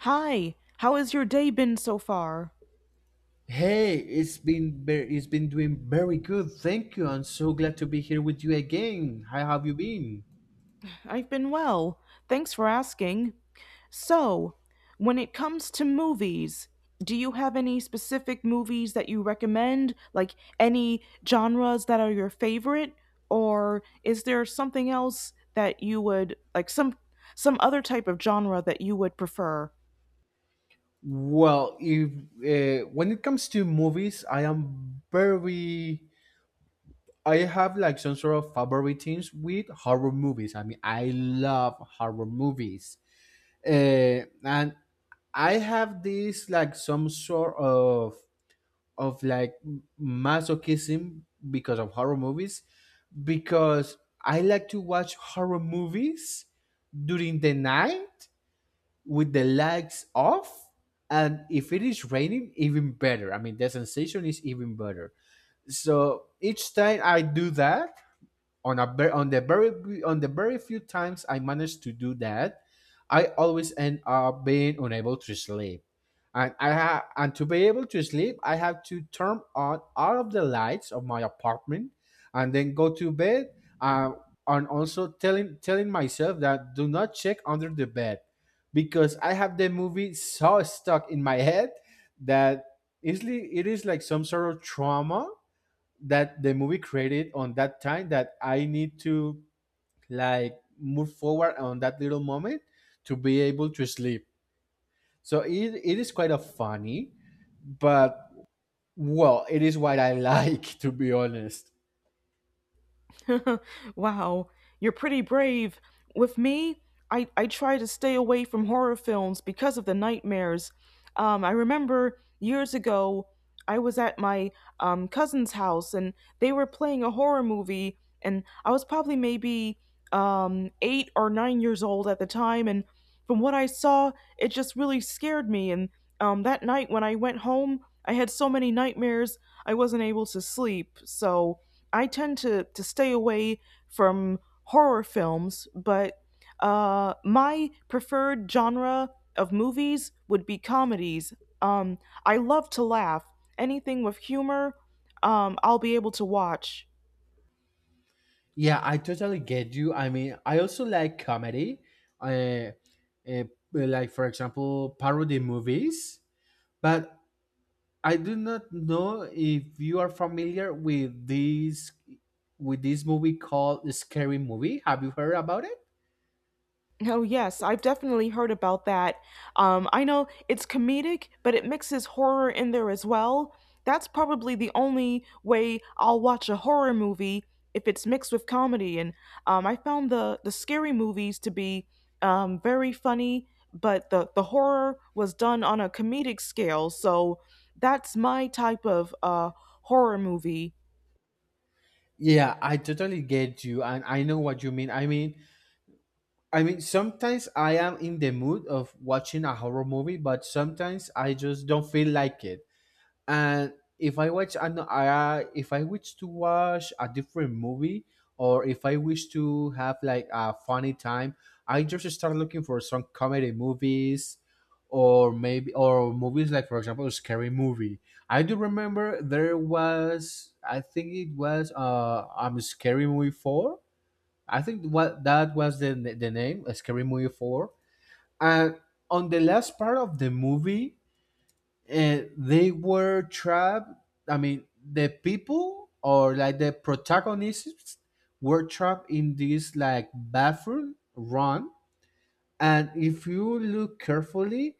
Hi, how has your day been so far? Hey, it's been it's been doing very good. Thank you. I'm so glad to be here with you again. How have you been? I've been well. Thanks for asking. So, when it comes to movies, do you have any specific movies that you recommend? Like any genres that are your favorite? Or is there something else that you would like some other type of genre that you would prefer? Well, if when it comes to movies, I am very. I have like some sort of favoritisms with horror movies. I mean, I love horror movies, and I have this like some sort of of, like, masochism because of horror movies, because I like to watch horror movies during the night with the lights off, and if it is raining, even better. I mean, the sensation is even better. So each time I do that, on a ver- on the very b- on the very few times I managed to do that, I always end up being unable to sleep. And to be able to sleep, I have to turn on all of the lights of my apartment and then go to bed. Uh, and also telling myself that do not check under the bed, because I have the movie so stuck in my head that it's, it is like some sort of trauma that the movie created on that time, that I need to, like, move forward on that little moment to be able to sleep. So it is quite a funny, but well, it is what I like to be honest. Wow, you're pretty brave. With me, I try to stay away from horror films because of the nightmares. I remember years ago, I was at my cousin's house and they were playing a horror movie, and I was probably maybe 8 or 9 years old at the time. And from what I saw, it just really scared me. And that night when I went home, I had so many nightmares, I wasn't able to sleep. So, I tend to stay away from horror films, but my preferred genre of movies would be comedies. Um, I love to laugh. Anything with humor, I'll be able to watch. Yeah, I totally get you. I mean, I also like comedy, uh, uh, like, for example, parody movies. But I do not know if you are familiar with this, with this movie called Scary Movie. Have you heard about it? No, yes, I've definitely heard about that. I know it's comedic, but it mixes horror in there as well. That's probably the only way I'll watch a horror movie if it's mixed with comedy. And I found the scary movies to be very funny, but the horror was done on a comedic scale. So that's my type of horror movie. Yeah, I totally get you, and I know what you mean. I mean, I mean sometimes I am in the mood of watching a horror movie, but sometimes I just don't feel like it. And if I watch an, I, if I wish to watch a different movie, or if I wish to have like a funny time, I just start looking for some comedy movies, or movies like, for example, Scary Movie. I do remember there was, I think it was Scary Movie 4. I think what that was the name, Scary Movie 4. And on the last part of the movie, they were trapped. I mean, the people, or like the protagonists, were trapped in this like bathroom run. And if you look carefully,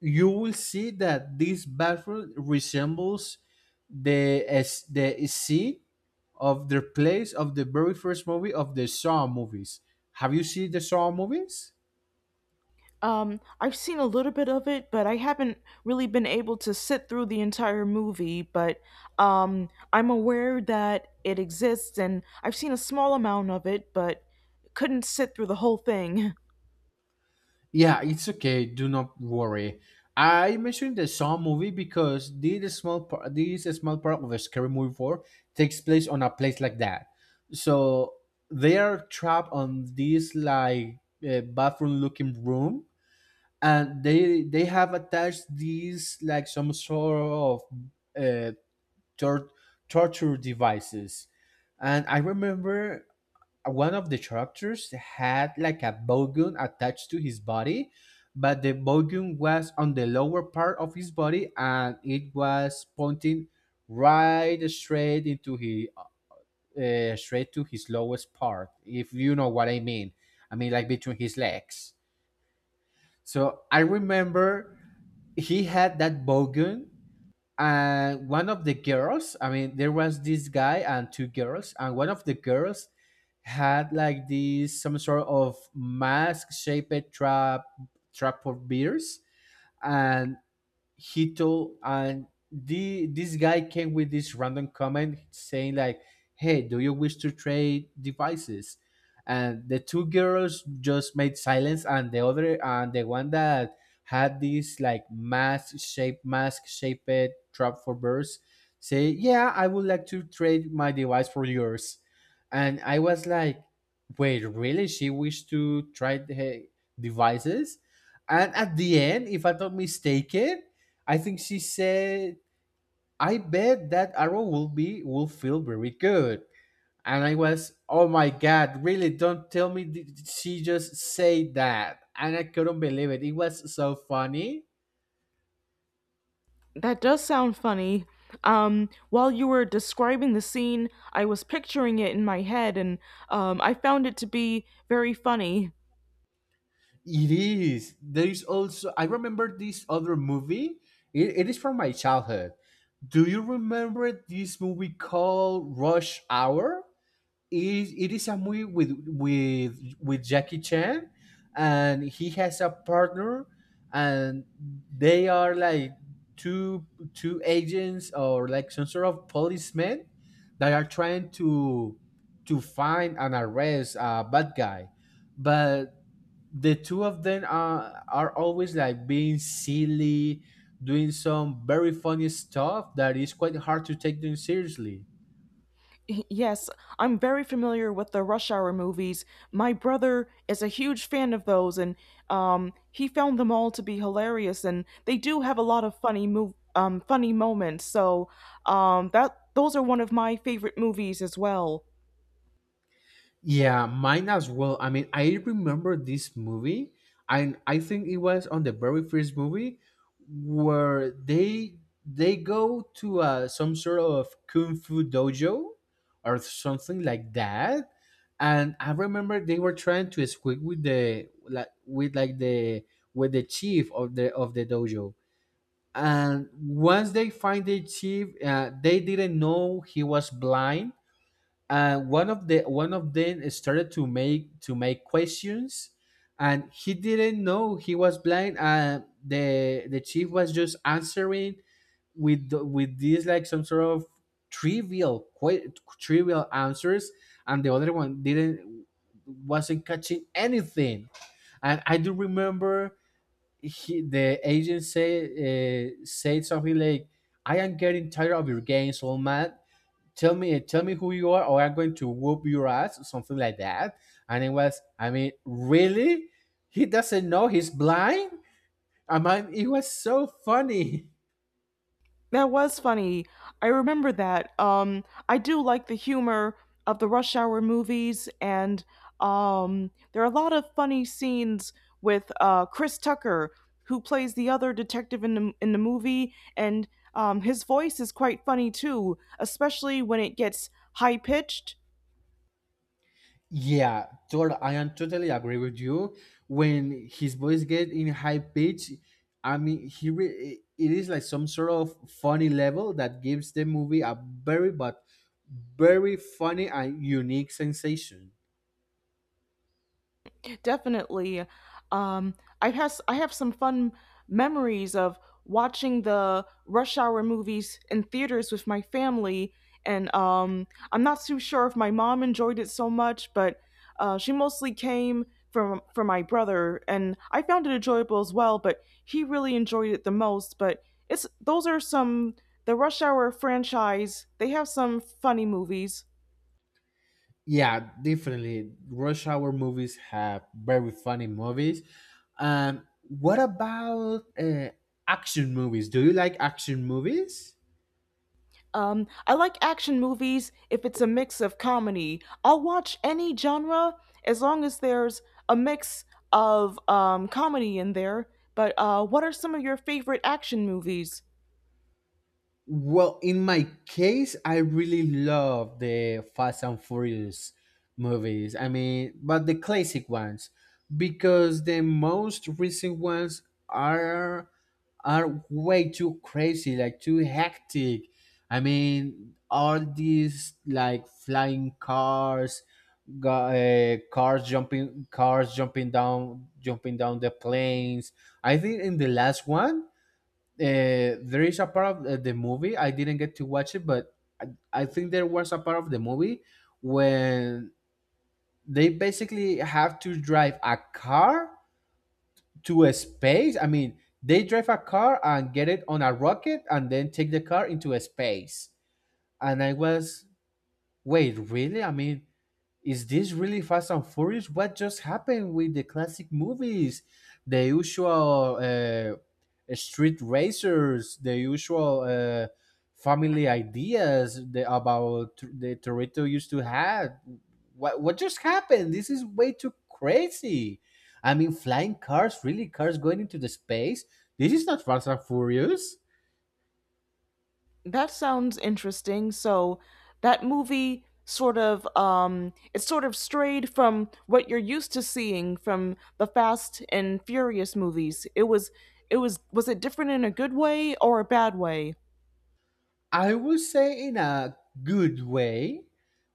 you will see that this bathroom resembles the scene of the place of the very first movie of the Saw movies. Have you seen the Saw movies? I've seen a little bit of it, but I haven't really been able to sit through the entire movie. But I'm aware that it exists, and I've seen a small amount of it, but couldn't sit through the whole thing. Yeah, it's okay. Do not worry. I mentioned the Saw movie because this small part of a Scary Movie Four takes place on a place like that. So they are trapped on this like bathroom looking room, and they have attached these like some sort of uh, tor- torture devices. And I remember one of the characters had like a bowgun attached to his body, but the bowgun was on the lower part of his body, and it was pointing right straight into his straight to his lowest part, if you know what I mean. I mean, like between his legs. So I remember he had that bowgun, and one of the girls, I mean, there was this guy and two girls, and one of the girls had like this some sort of mask shaped trap of beers. And Hito, and the this guy came with this random comment saying like, "Hey, do you wish to trade devices?" And the two girls just made silence, and the other and the one that had this like mask shaped trap for birds say, "Yeah, I would like to trade my device for yours," and I was like. Wait, really? She wished to trade her devices? And at the end, if I'm not mistaken, I think she said, "I bet that arrow will be will feel very good." And I was, "Oh my god, really? Don't tell me she just said that." And I couldn't believe it. It was so funny. That does sound funny. While you were describing the scene, I was picturing it in my head, and I found it to be very funny. It is. There is also, I remember this other movie. It is from my childhood. Do you remember this movie called Rush Hour? Is it is a movie with with Jackie Chan, and he has a partner, and they are like two two agents, or like some sort of policemen, that are trying to find and arrest a bad guy. But the two of them are always like being silly, doing some very funny stuff that is quite hard to take them seriously. Yes, I'm very familiar with the Rush Hour movies. My brother is a huge fan of those, and he found them all to be hilarious. And they do have a lot of funny moments. So that those are one of my favorite movies as well. Yeah, mine as well. I mean, I remember this movie, and I think it was on the very first movie where they go to some sort of kung fu dojo or something like that. And I remember they were trying to squeak with the, like with like the, with the chief of the dojo. And once they find the chief, they didn't know he was blind, and one of them started to make questions, and he didn't know he was blind, and the chief was just answering with with this like some sort of trivial, quite trivial answers, and the other one didn't wasn't catching anything. And I do remember the agent say said something like, "I am getting tired of your games, old man. Tell me who you are, or I'm going to whoop your ass," something like that. And it was, I mean, really, he doesn't know he's blind. I mean, it was so funny. That was funny. I remember that. I do like the humor of the Rush Hour movies, and there are a lot of funny scenes with Chris Tucker, who plays the other detective in the movie, and his voice is quite funny too, especially when it gets high pitched. I am totally agree with you. When his voice get in high pitch, I mean, it is like some sort of funny level that gives the movie a very but very funny and unique sensation. Definitely. Um, I have some fun memories of watching the Rush Hour movies in theaters with my family, and I'm not too sure if my mom enjoyed it so much, but she mostly came from for my brother, and I found it enjoyable as well. But he really enjoyed it the most. But it's those are some the Rush Hour franchise. They have some funny movies. Yeah, definitely. Rush Hour movies have very funny movies. What about action movies? Do you like action movies? I like action movies if it's a mix of comedy. I'll watch any genre as long as there's a mix of comedy in there. But what are some of your favorite action movies? Well, in my case, I really love the Fast and Furious movies. I mean, but the classic ones, because the most recent ones are are way too crazy, like too hectic. I mean, all these like flying cars, cars jumping, jumping down the planes. I think in the last one, there is a part of, the movie I didn't get to watch it, but I think there was a part of the movie when they basically have to drive a car to a space. I mean, they drive a car and get it on a rocket and then take the car into a space. And I was, wait, really? I mean, is this really Fast and Furious? What just happened with the classic movies? The usual street racers, the usual family ideas the Torito used to have. What just happened? This is way too crazy. I mean, flying cars, really, cars going into the space? This is not Fast and Furious. That sounds interesting. So that movie sort of it sort of strayed from what you're used to seeing from the Fast and Furious movies. It was it different in a good way or a bad way? I would say in a good way,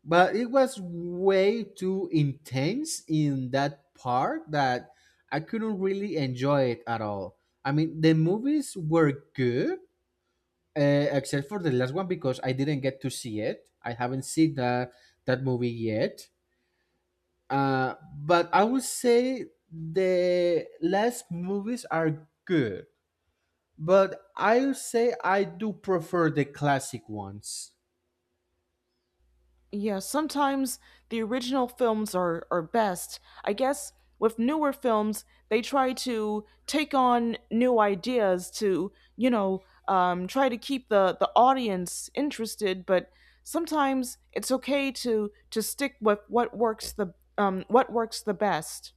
but it was way too intense in that part that I couldn't really enjoy it at all. I mean, the movies were good, except for the last one, because I didn't get to see it. I haven't seen that movie yet. Uh, but I would say the last movies are good, but I'll say I do prefer the classic ones. Yeah, sometimes the original films are best. I guess with newer films, they try to take on new ideas to, you know, try to keep the audience interested, but sometimes it's okay to stick with what works the best.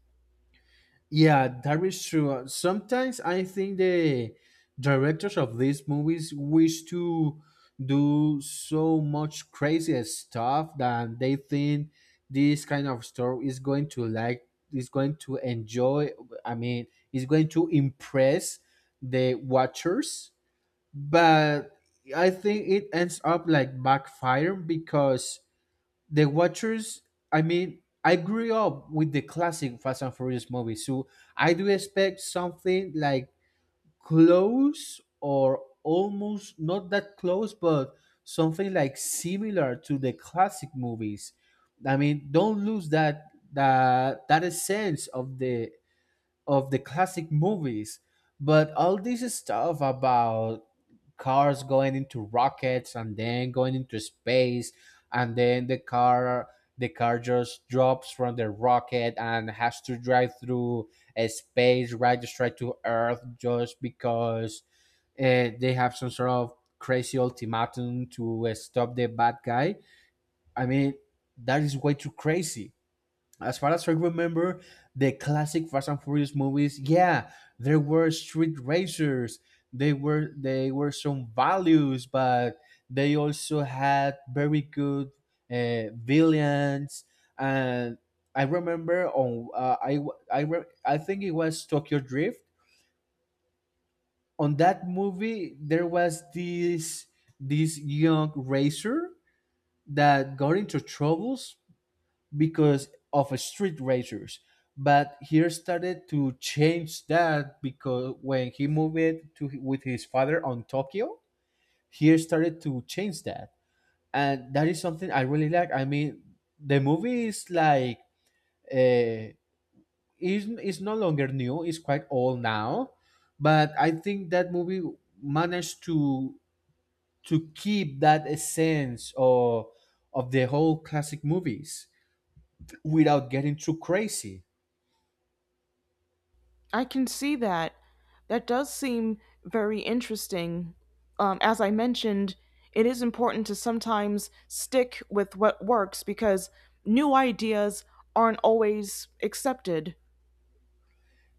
Yeah, that is true. Sometimes I think the directors of these movies wish to do so much crazy stuff that they think this kind of story is going to, like, is going to enjoy. I mean, is going to impress the watchers. But I think it ends up like backfire because the watchers, I mean, I grew up with the classic Fast and Furious movies, so I do expect something like close, or almost not that close, but something like similar to the classic movies. I mean, don't lose that that essence of the classic movies. But all this stuff about cars going into rockets and then going into space, and then the car just drops from the rocket and has to drive through a space right, just straight to earth, just because they have some sort of crazy ultimatum to stop the bad guy. I mean, that is way too crazy. As far as I remember, the classic Fast and Furious movies, yeah, there were street racers. They were some values, but they also had very good villains. And I remember on, I w- I re- I think it was Tokyo Drift. On that movie, there was this, this young racer that got into troubles because of a street racers. But he started to change that, because when he moved to with his father on Tokyo, he started to change that, and that is something I really like. I mean, the movie is like, uh, is no longer new; it's quite old now, but I think that movie managed to keep that essence of the whole classic movies without getting too crazy. I can see that. That does seem very interesting. As I mentioned, it is important to sometimes stick with what works because new ideas aren't always accepted.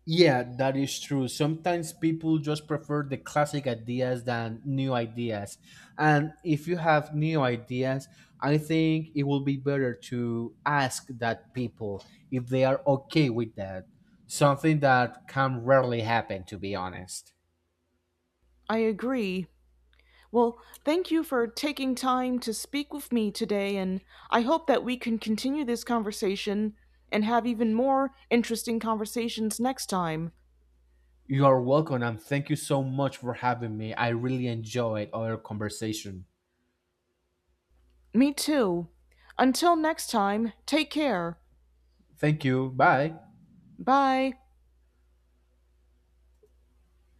Yeah, that is true. Sometimes people just prefer the classic ideas than new ideas. And if you have new ideas, I think it will be better to ask that people if they are okay with that. Something that can rarely happen, to be honest. I agree. Well, thank you for taking time to speak with me today, and I hope that we can continue this conversation and have even more interesting conversations next time. You are welcome, and thank you so much for having me. I really enjoyed our conversation. Me too. Until next time, take care. Thank you. Bye. Bye.